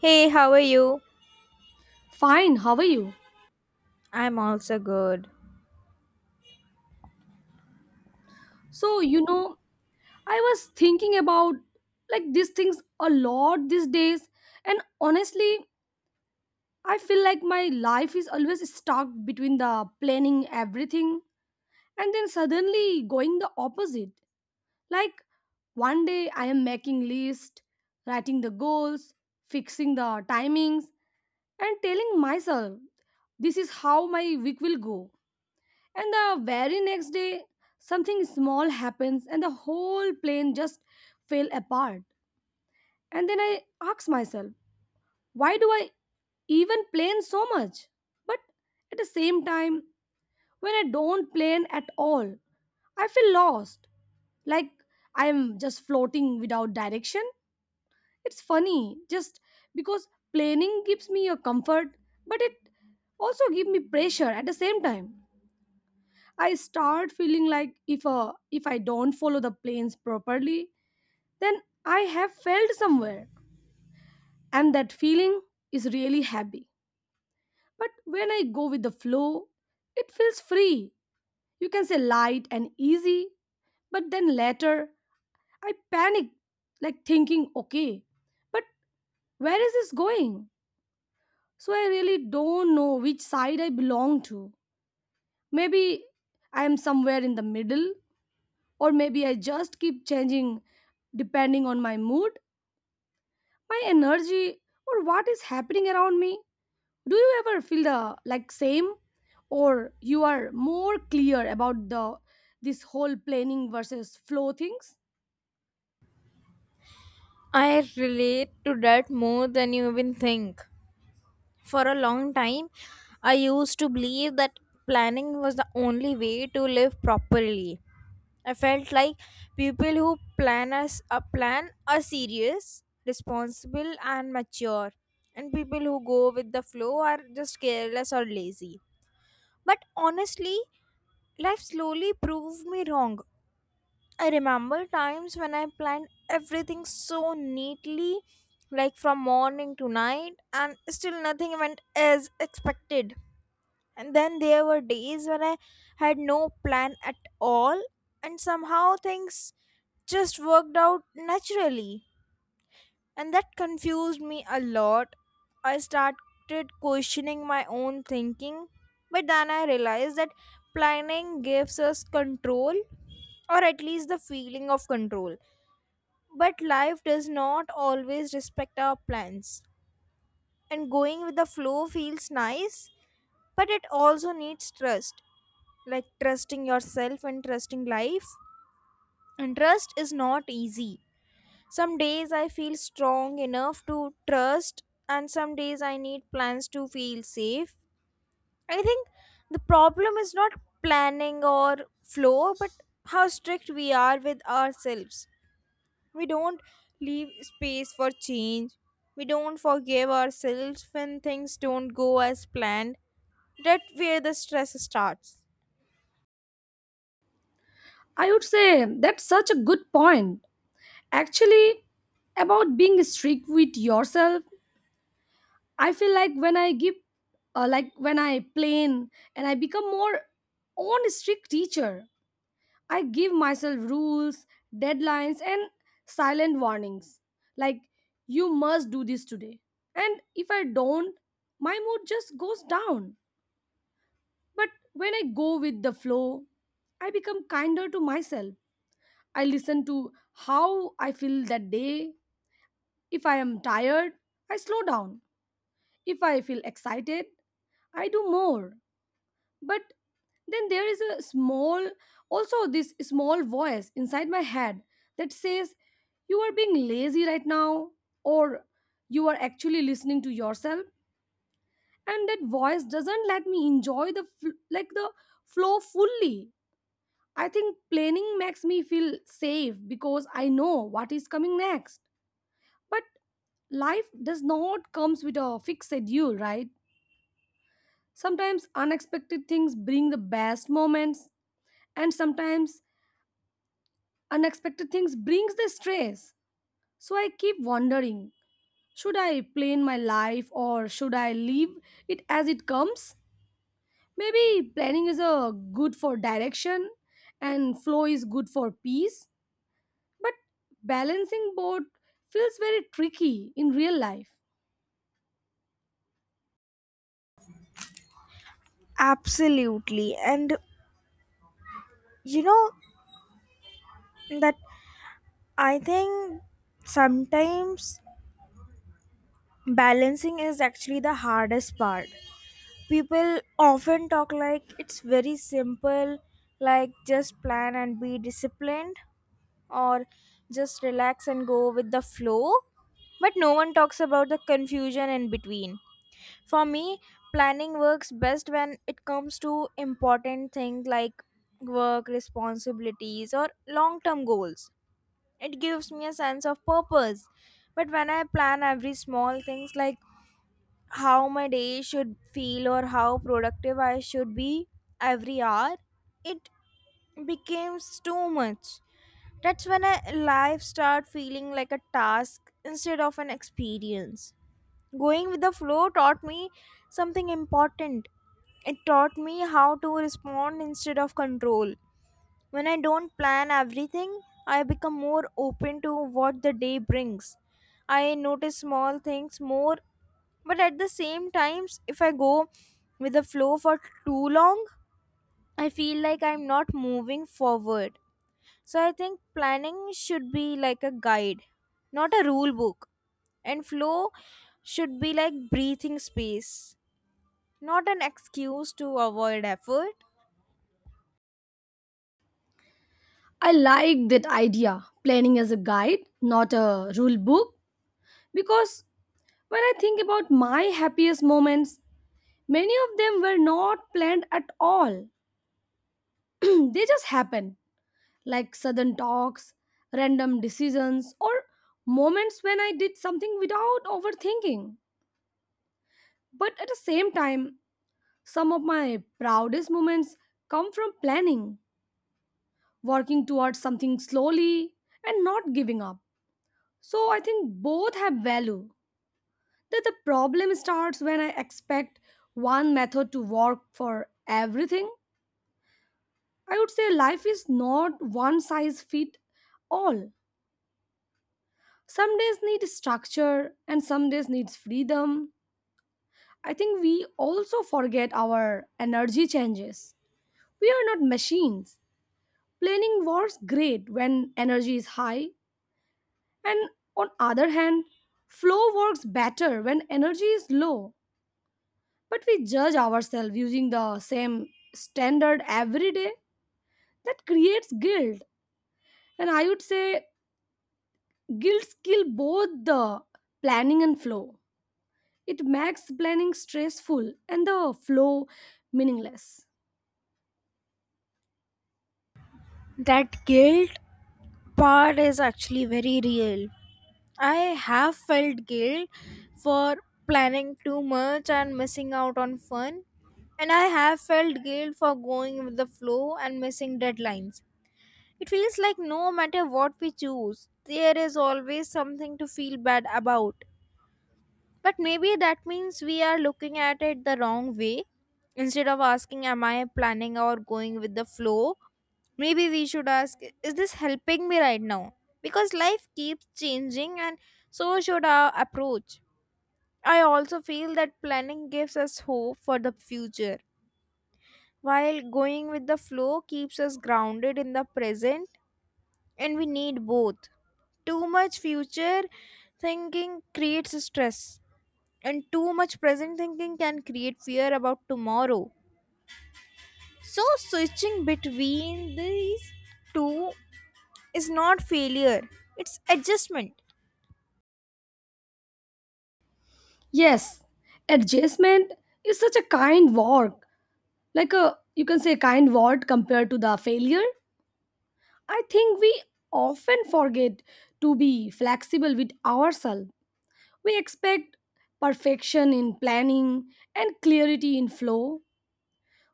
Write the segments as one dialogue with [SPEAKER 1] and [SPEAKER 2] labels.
[SPEAKER 1] Hey, how are you?
[SPEAKER 2] Fine, how are you?
[SPEAKER 1] I'm also good.
[SPEAKER 2] So, you know, I was thinking about these things a lot these days, and honestly, I feel like my life is always stuck between the planning everything and then suddenly going the opposite. Like one day I am making list, writing the goals, fixing the timings, and telling myself this is how my week will go. And the very next day, something small happens and the whole plane just fell apart. And then I ask myself, why do I even plan so much? But at the same time, when I don't plan at all, I feel lost. Like I'm just floating without direction. It's funny, just because planning gives me a comfort, but it also gives me pressure at the same time. I start feeling like if I don't follow the planes properly, then I have failed somewhere. And that feeling is really happy. But when I go with the flow, it feels free. You can say light and easy. But then later, I panic, like thinking, okay, but where is this going? So I really don't know which side I belong to. Maybe I am somewhere in the middle, or maybe I just keep changing depending on my mood, my energy, or what is happening around me. Do you ever feel the same, or you are more clear about the this whole planning versus flow things?
[SPEAKER 1] I relate to that more than you even think. For a long time, I used to believe that planning was the only way to live properly. I felt like people who plan as a plan are serious, responsible and mature, and people who go with the flow are just careless or lazy. But honestly, life slowly proved me wrong. I remember times when I planned everything so neatly, like from morning to night, and still nothing went as expected. And then there were days when I had no plan at all, and somehow things just worked out naturally. And that confused me a lot. I started questioning my own thinking, but then I realized that planning gives us control, or at least the feeling of control. But life does not always respect our plans, and going with the flow feels nice, but it also needs trust like trusting yourself and trusting life. And trust is not easy. Some days I feel strong enough to trust, and some days I need plans to feel safe. I think the problem is not planning or flow, but how strict we are with ourselves. We don't leave space for change. We don't forgive ourselves when things don't go as planned. That's where the stress starts.
[SPEAKER 2] I would say that's such a good point. Actually, about being strict with yourself, I feel like when I give when I plan and I become more own strict teacher. I give myself rules, deadlines, and silent warnings. Like, you must do this today. And if I don't, my mood just goes down. But when I go with the flow, I become kinder to myself. I listen to how I feel that day. If I am tired, I slow down. If I feel excited, I do more. But then there is a small, also this small voice inside my head that says, you are being lazy right now, or you are actually listening to yourself. And that voice doesn't let me enjoy the flow fully. I think planning makes me feel safe because I know what is coming next. But life does not comes with a fixed schedule, right? Sometimes unexpected things bring the best moments, and sometimes unexpected things brings the stress. So I keep wondering, should I plan my life or should I leave it as it comes? Maybe planning is a good for direction and flow is good for peace, but balancing both feels very tricky in real life.
[SPEAKER 1] Absolutely. And you know that I think sometimes balancing is actually the hardest part. People often talk like it's very simple, like just plan and be disciplined, or just relax and go with the flow. But no one talks about the confusion in between. For me, planning works best when it comes to important things like work, responsibilities, or long term goals. It gives me a sense of purpose. But when I plan every small things like how my day should feel or how productive I should be every hour, it becomes too much. That's when a life start feeling like a task instead of an experience. Going with the flow taught me something important. It taught me how to respond instead of control. When I don't plan everything, I become more open to what the day brings. I notice small things more, but at the same times if I go with the flow for too long, I feel like I'm not moving forward. So I think planning should be like a guide, not a rule book, and flow should be like breathing space, not an excuse to avoid effort.
[SPEAKER 2] I like that idea, planning as a guide, not a rule book, because when I think about my happiest moments, many of them were not planned at all. They just happen, like sudden talks, random decisions, or moments when I did something without overthinking. But at the same time, some of my proudest moments come from planning, working towards something slowly, and not giving up. So I think both have value. That the problem starts when I expect one method to work for everything. I would say life is not one size fit all. Some days need structure and some days needs freedom. I think we also forget our energy changes. We are not machines. Planning works great when energy is high, and on other hand, flow works better when energy is low. But we judge ourselves using the same standard every day. That creates guilt, and I would say guilt kill both the planning and flow. It makes planning stressful and the flow meaningless.
[SPEAKER 1] That guilt part is actually very real. I have felt guilt for planning too much and missing out on fun, and I have felt guilt for going with the flow and missing deadlines. It feels like no matter what we choose, there is always something to feel bad about. But maybe that means we are looking at it the wrong way. Instead of asking, am I planning or going with the flow? Maybe we should ask, is this helping me right now? Because life keeps changing, and so should our approach. I also feel that planning gives us hope for the future, while going with the flow keeps us grounded in the present, and we need both. Too much future thinking creates stress, and too much present thinking can create fear about tomorrow. So, switching between these two is not failure, it's adjustment.
[SPEAKER 2] Yes, adjustment is such a kind word, like a you can say kind word compared to the failure. I think we often forget to be flexible with ourselves. We expect perfection in planning and clarity in flow,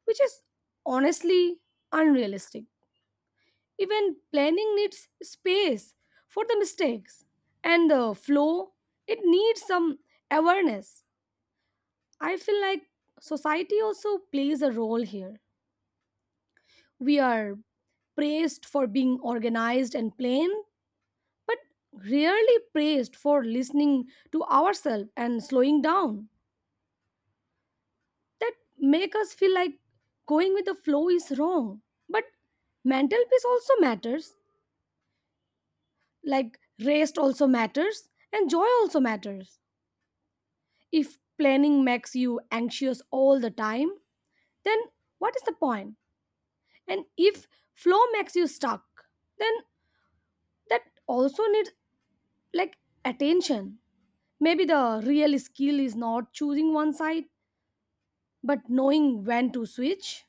[SPEAKER 2] which is honestly unrealistic. Even planning needs space for the mistakes and the flow. It needs some awareness. I feel like society also plays a role here. We are praised for being organized and plain, but rarely praised for listening to ourselves and slowing down. That make us feel like going with the flow is wrong. But mental peace also matters. Like rest also matters and joy also matters. If planning makes you anxious all the time, then what is the point? And if flow makes you stuck, then that also needs like attention. Maybe the real skill is not choosing one side, but knowing when to switch.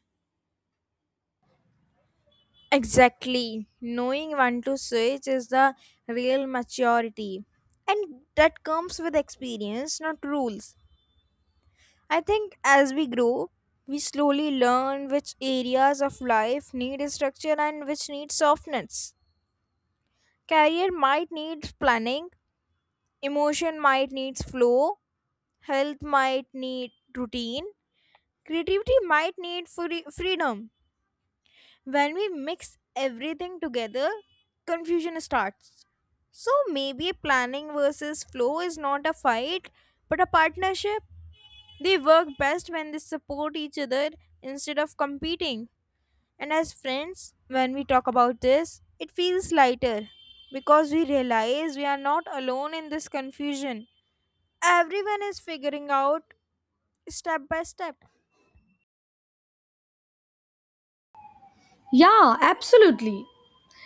[SPEAKER 1] Exactly. Knowing when to switch is the real maturity, and that comes with experience, not rules. I think as we grow, we slowly learn which areas of life need structure and which need softness. Career might need planning, emotion might need flow, health might need routine, creativity might need freedom. When we mix everything together, confusion starts. So maybe planning versus flow is not a fight, but a partnership. They work best when they support each other instead of competing. And as friends, when we talk about this, it feels lighter because we realize we are not alone in this confusion. Everyone is figuring out step by step.
[SPEAKER 2] Yeah, absolutely.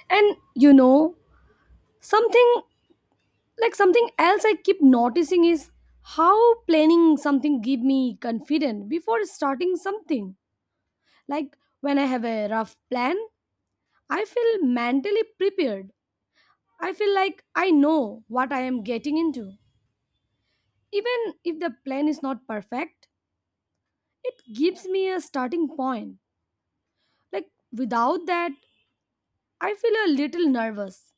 [SPEAKER 2] And you know, something something else I keep noticing is how planning something give me confident before starting something. Like when I have a rough plan, I feel mentally prepared. I feel like I know what I am getting into. Even if the plan is not perfect, it gives me a starting point. Like without that, I feel a little nervous.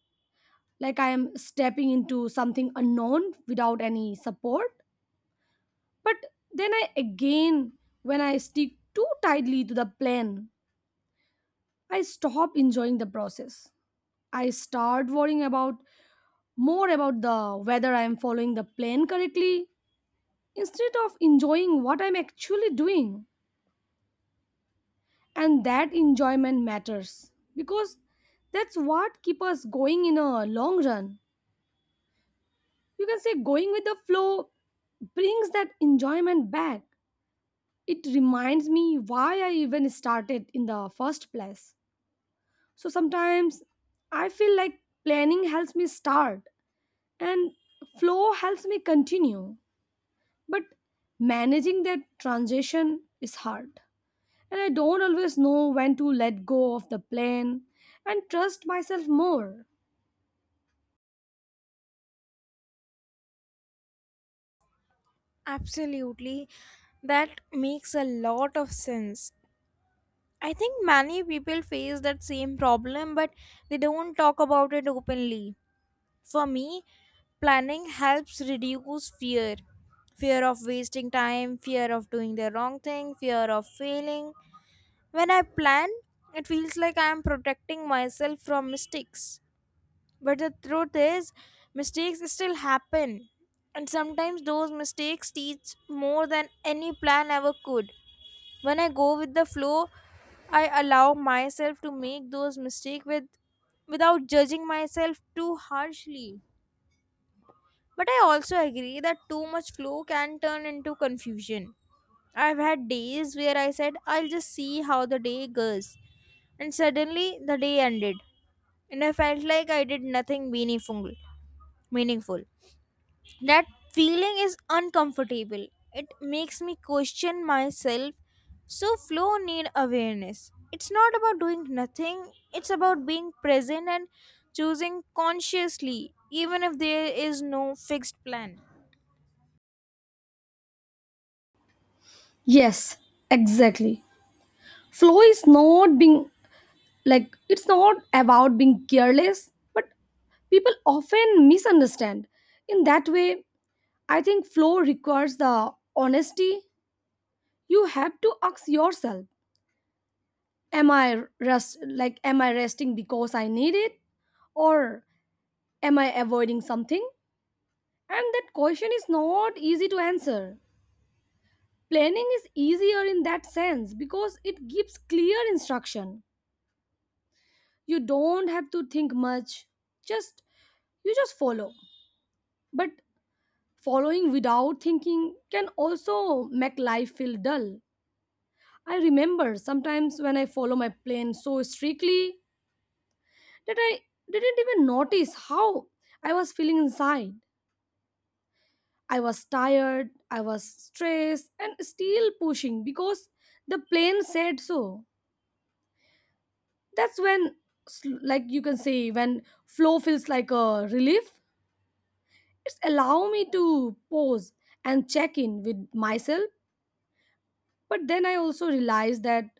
[SPEAKER 2] Like I am stepping into something unknown without any support. But then I again, when I stick too tightly to the plan, I stop enjoying the process. I start worrying about more about the whether I am following the plan correctly instead of enjoying what I'm actually doing. And that enjoyment matters because that's what keeps us going in a long run. You can say going with the flow brings that enjoyment back. It reminds me why I even started in the first place. So sometimes I feel like planning helps me start and flow helps me continue. But managing that transition is hard, and I don't always know when to let go of the plan and trust myself more.
[SPEAKER 1] Absolutely. That makes a lot of sense. I think many people face that same problem, but they don't talk about it openly. For me, planning helps reduce fear of wasting time, fear of doing the wrong thing, fear of failing. When I plan, it feels like I am protecting myself from mistakes. But the truth is, mistakes still happen. And sometimes those mistakes teach more than any plan ever could. When I go with the flow, I allow myself to make those mistakes without judging myself too harshly. But I also agree that too much flow can turn into confusion. I've had days where I said, I'll just see how the day goes. And suddenly the day ended. And I felt like I did nothing meaningful. Meaningful. That feeling is uncomfortable. It makes me question myself. So flow need awareness. It's not about doing nothing. It's about being present and choosing consciously even if there is no fixed plan.
[SPEAKER 2] Yes, exactly. Flow is not being it's not about being careless, but people often misunderstand. In that way, I think flow requires the honesty. You have to ask yourself, am I resting because I need it, or am I avoiding something? And that question is not easy to answer. Planning is easier in that sense because it gives clear instruction. You don't have to think much, just you just follow. But following without thinking can also make life feel dull. I remember sometimes when I follow my plan so strictly that I didn't even notice how I was feeling inside. I was tired, I was stressed and still pushing because the plan said so. That's when sl- like you can say when flow feels like a relief. It's allow me to pause and check in with myself. But then I also realize that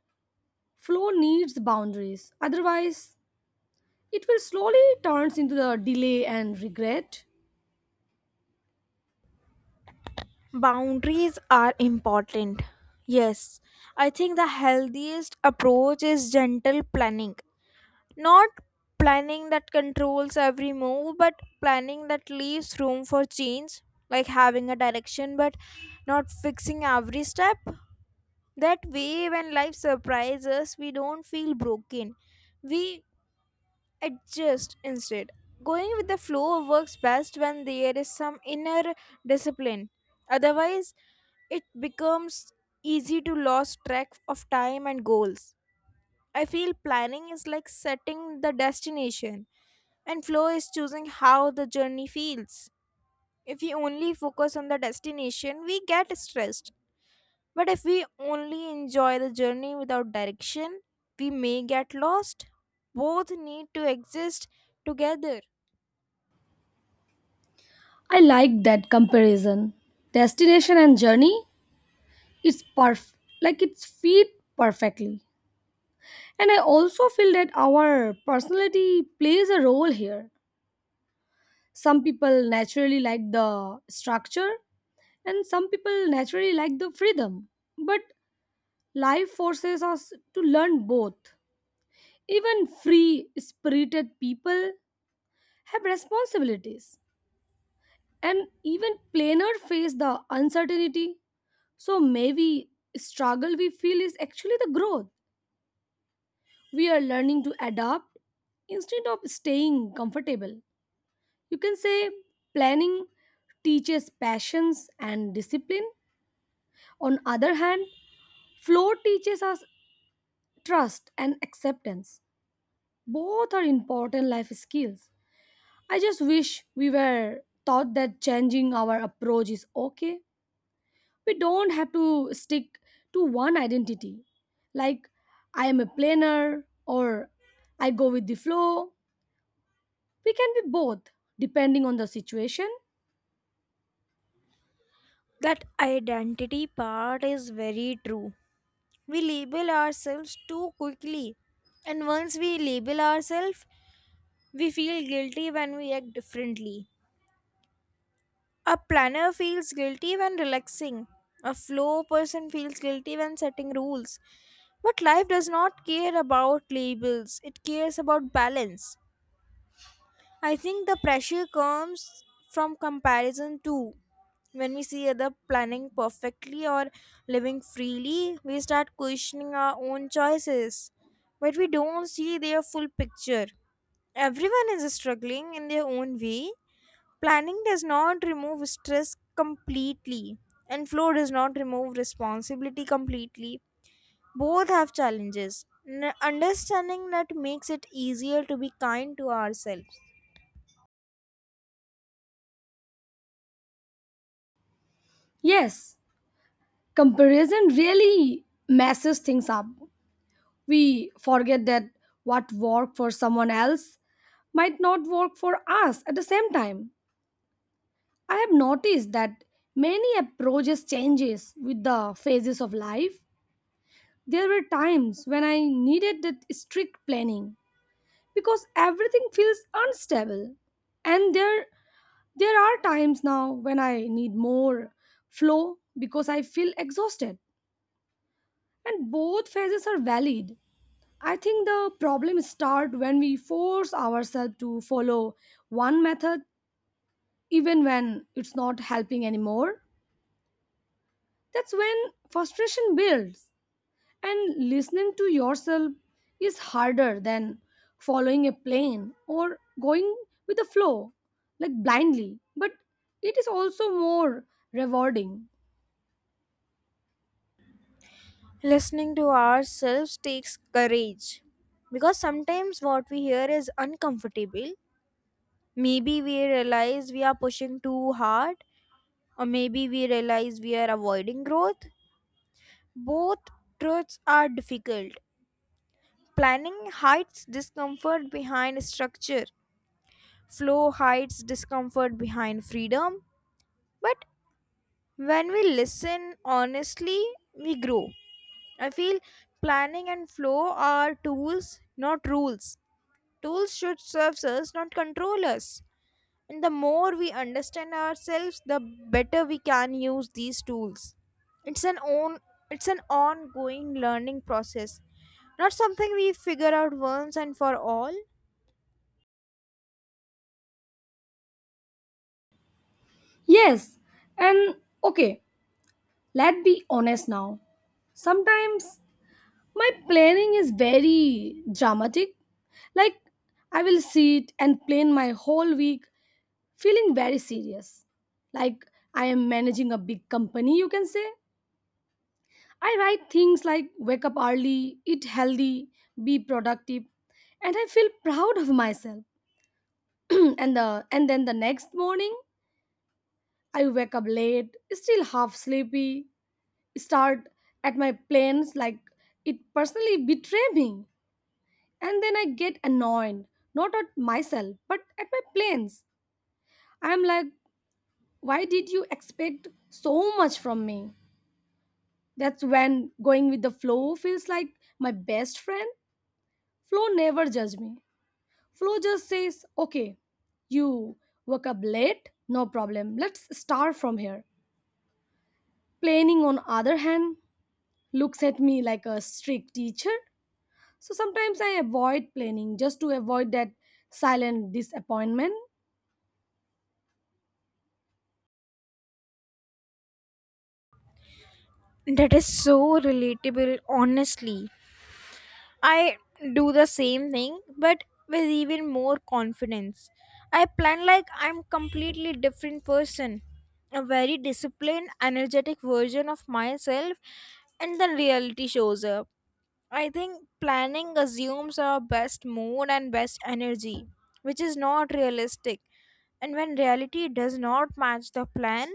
[SPEAKER 2] flow needs boundaries, otherwise it will slowly turns into the delay and regret.
[SPEAKER 1] Boundaries are important. Yes, I think the healthiest approach is gentle planning. Not planning that controls every move, but planning that leaves room for change, like having a direction but not fixing every step. That way, when life surprises us, we don't feel broken. We adjust instead. Going with the flow works best when there is some inner discipline. Otherwise, it becomes easy to lose track of time and goals. I feel planning is like setting the destination, and flow is choosing how the journey feels. If we only focus on the destination, we get stressed. But if we only enjoy the journey without direction, we may get lost. Both need to exist together.
[SPEAKER 2] I like that comparison, destination and journey, is perf like it's fit perfectly. And I also feel that our personality plays a role here. Some people naturally like the structure, and some people naturally like the freedom. But life forces us to learn both. Even free spirited people have responsibilities, and even plainer face the uncertainty. So maybe struggle we feel is actually the growth. We are learning to adapt instead of staying comfortable. You can say planning teaches patience and discipline. On other hand, flow teaches us trust and acceptance. Both are important life skills. I just wish we were taught that changing our approach is okay. We don't have to stick to one identity. Like I am a planner or I go with the flow. We can be both depending on the situation.
[SPEAKER 1] That identity part is very true. We label ourselves too quickly. And once we label ourselves, we feel guilty when we act differently. A planner feels guilty when relaxing. A flow person feels guilty when setting rules. But life does not care about labels, it cares about balance. I think the pressure comes from comparison too. When we see other planning perfectly or living freely, we start questioning our own choices. But we don't see their full picture. Everyone is struggling in their own way. Planning does not remove stress completely, and flow does not remove responsibility completely. Both have challenges. Understanding that makes it easier to be kind to ourselves.
[SPEAKER 2] Yes, comparison really messes things up. We forget that what worked for someone else might not work for us at the same time. I have noticed that many approaches changes with the phases of life. There were times when I needed that strict planning because everything feels unstable. And there are times now when I need more flow because I feel exhausted. And both phases are valid. I think the problem start when we force ourselves to follow one method even when it's not helping anymore. That's when frustration builds, and listening to yourself is harder than following a plan or going with the flow, like blindly. But it is also more rewarding.
[SPEAKER 1] Listening to ourselves takes courage because sometimes what we hear is uncomfortable. Maybe we realize we are pushing too hard, or maybe we realize we are avoiding growth. Both truths are difficult. Planning hides discomfort behind structure, flow hides discomfort behind freedom. But when we listen honestly, we grow. I feel planning and flow are tools, not rules. Tools should serve us, not control us. And the more we understand ourselves, the better we can use these tools. It's an own it's an ongoing learning process, not something we figure out once and for all.
[SPEAKER 2] Yes, and okay, let's be honest now. Sometimes my planning is very dramatic. Like, I will sit and plan my whole week feeling very serious. Like I am managing a big company, you can say. I write things like wake up early, eat healthy, be productive, and I feel proud of myself. And then the next morning, I wake up late, still half sleepy, start at my plans like it personally betray me. And then I get annoyed, not at myself, but at my plans. I'm like, why did you expect so much from me? That's when going with the flow feels like my best friend. Flow never judge me. Flow just says, okay, you woke up late, no problem. Let's start from here. Planning on other hand looks at me like a strict teacher. So sometimes I avoid planning just to avoid that silent disappointment.
[SPEAKER 1] That is so relatable, honestly. I do the same thing, but with even more confidence. I plan like I'm completely different person, a very disciplined, energetic version of myself, and the reality shows up. I think planning assumes our best mood and best energy, which is not realistic. And when reality does not match the plan,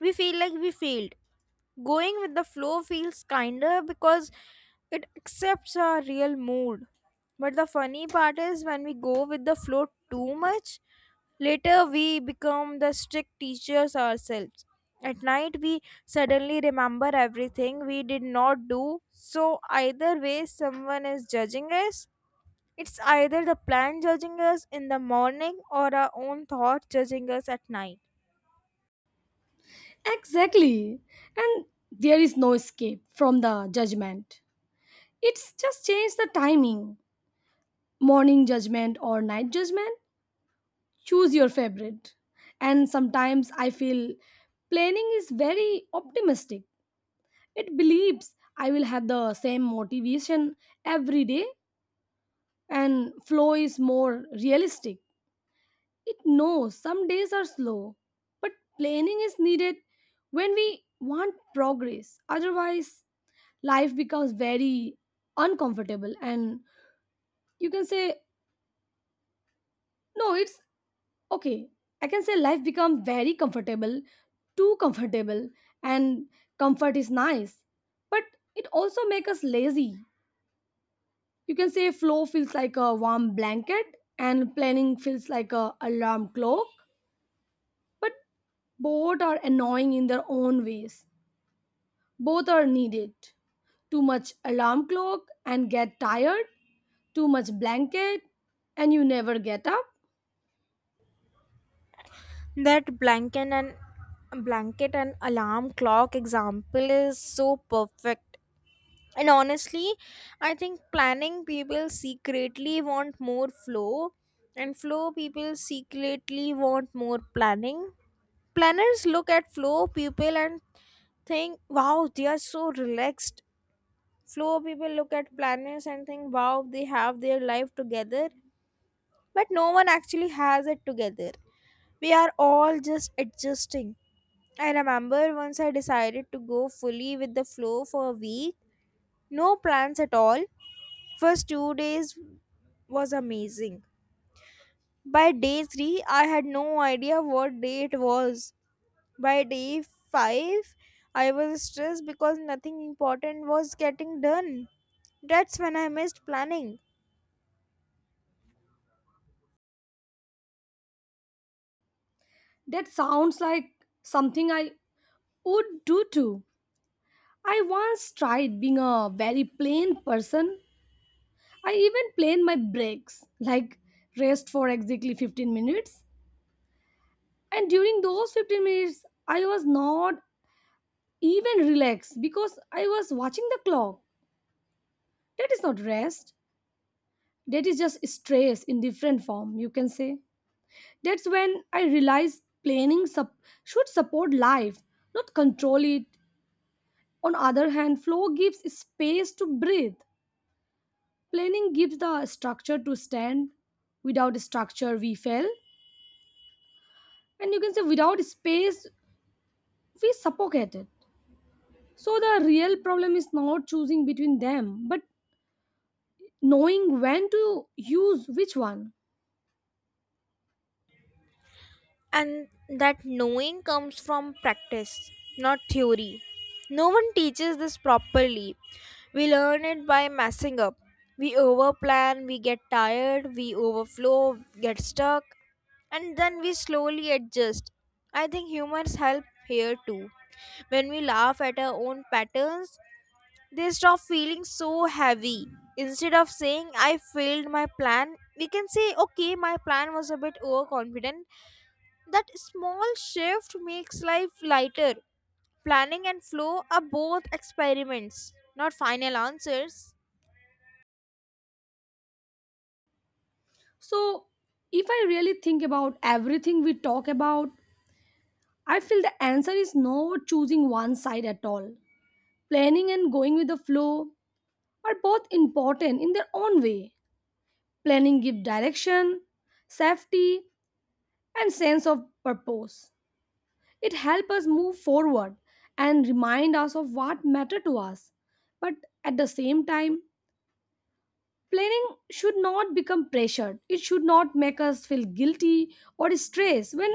[SPEAKER 1] we feel like we failed. Going with the flow feels kinder because it accepts our real mood. But the funny part is when we go with the flow too much, later, we become the strict teachers ourselves. At night, we suddenly remember everything we did not do. So, either way, someone is judging us. It's either the plan judging us in the morning or our own thoughts judging us at night.
[SPEAKER 2] Exactly. And there is no escape from the judgment. It's just change the timing. Morning judgment or night judgment, choose your favorite. And sometimes I feel planning is very optimistic. It believes I will have the same motivation every day, and flow is more realistic. It knows some days are slow. But planning is needed when we want progress, otherwise life becomes very uncomfortable. And you can say, no, it's okay, I can say life become very comfortable, too comfortable. And comfort is nice, but it also make us lazy. You can say flow feels like a warm blanket and planning feels like a alarm clock. But both are annoying in their own ways. Both are needed. Too much alarm clock and get tired, too much blanket and you never get up.
[SPEAKER 1] That blanket and alarm clock example is so perfect. And honestly, I think planning people secretly want more flow, and flow people secretly want more planning. Planners look at flow people and think, wow, they are so relaxed. Flow people look at planners and think, wow, they have their life together. But no one actually has it together, we are all just adjusting. I remember once I decided to go fully with the flow for a week, no plans at all. First 2 days was amazing. By day 3, I had no idea what day it was. By day 5, I was stressed because nothing important was getting done. That's when I missed planning.
[SPEAKER 2] That sounds like something I would do too. I once tried being a very plain person. I even planned my breaks, like rest for exactly 15 minutes. And during those 15 minutes, I was not even relaxed because I was watching the clock. That is not rest. That is just stress in different form, you can say. That's when I realized should support life, not control it. On other hand, flow gives space to breathe. Planning gives the structure to stand. Without structure, we fail. And you can say, without space, we suffocate it. So, the real problem is not choosing between them, but knowing when to use which one.
[SPEAKER 1] And that knowing comes from practice, not theory. No one teaches this properly. We learn it by messing up. We overplan, we get tired, we overflow, get stuck, and then we slowly adjust. I think humors help here too. When we laugh at our own patterns, they stop feeling so heavy. Instead of saying, I failed my plan, we can say, okay, my plan was a bit overconfident. That small shift makes life lighter. Planning and flow are both experiments, not final answers.
[SPEAKER 2] So, if I really think about everything we talk about, I feel the answer is not choosing one side at all. Planning and going with the flow are both important in their own way. Planning gives direction, safety, and sense of purpose. It helps us move forward and remind us of what matters to us. But at the same time, planning should not become pressured. It should not make us feel guilty or stressed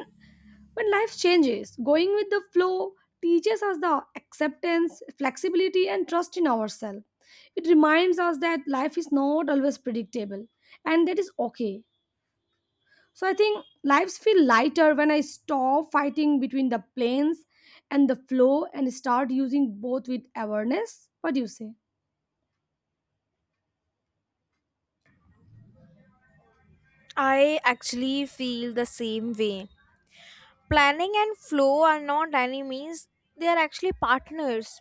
[SPEAKER 2] when life changes. Going with the flow teaches us the acceptance, flexibility and trust in ourselves. It reminds us that life is not always predictable and that is okay. So I think lives feel lighter when I stop fighting between the planes and the flow and start using both with awareness. What do you say?
[SPEAKER 1] I actually feel the same way. Planning and flow are not enemies, they are actually partners.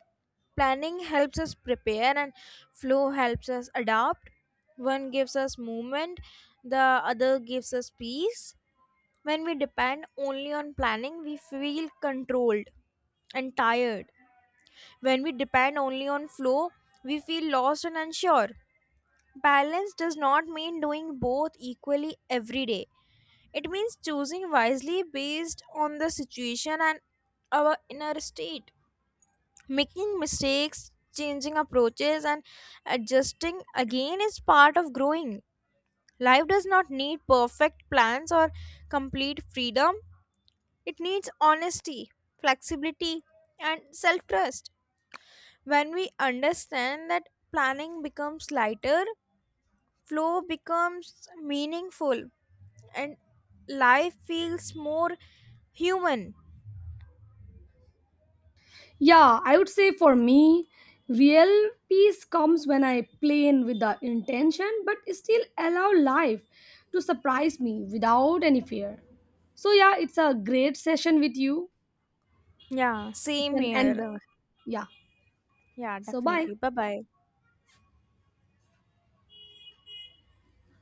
[SPEAKER 1] Planning helps us prepare, and flow helps us adapt. One gives us movement, the other gives us peace. When we depend only on planning, we feel controlled and tired. When we depend only on flow, we feel lost and unsure. Balance does not mean doing both equally every day. It means choosing wisely based on the situation and our inner state. Making mistakes, changing approaches, and adjusting again is part of growing. Life does not need perfect plans or complete freedom, it needs honesty, flexibility, and self trust. When we understand that, planning becomes lighter, flow becomes meaningful, and life feels more human.
[SPEAKER 2] Yeah, I would say for me, real peace comes when I play in with the intention but still allow life to surprise me without any fear. So yeah, it's a great session with you.
[SPEAKER 1] Yeah,
[SPEAKER 2] You
[SPEAKER 1] same
[SPEAKER 2] can end
[SPEAKER 1] here.
[SPEAKER 2] the yeah.
[SPEAKER 1] Yeah,
[SPEAKER 2] So bye.
[SPEAKER 1] definitely. Bye bye.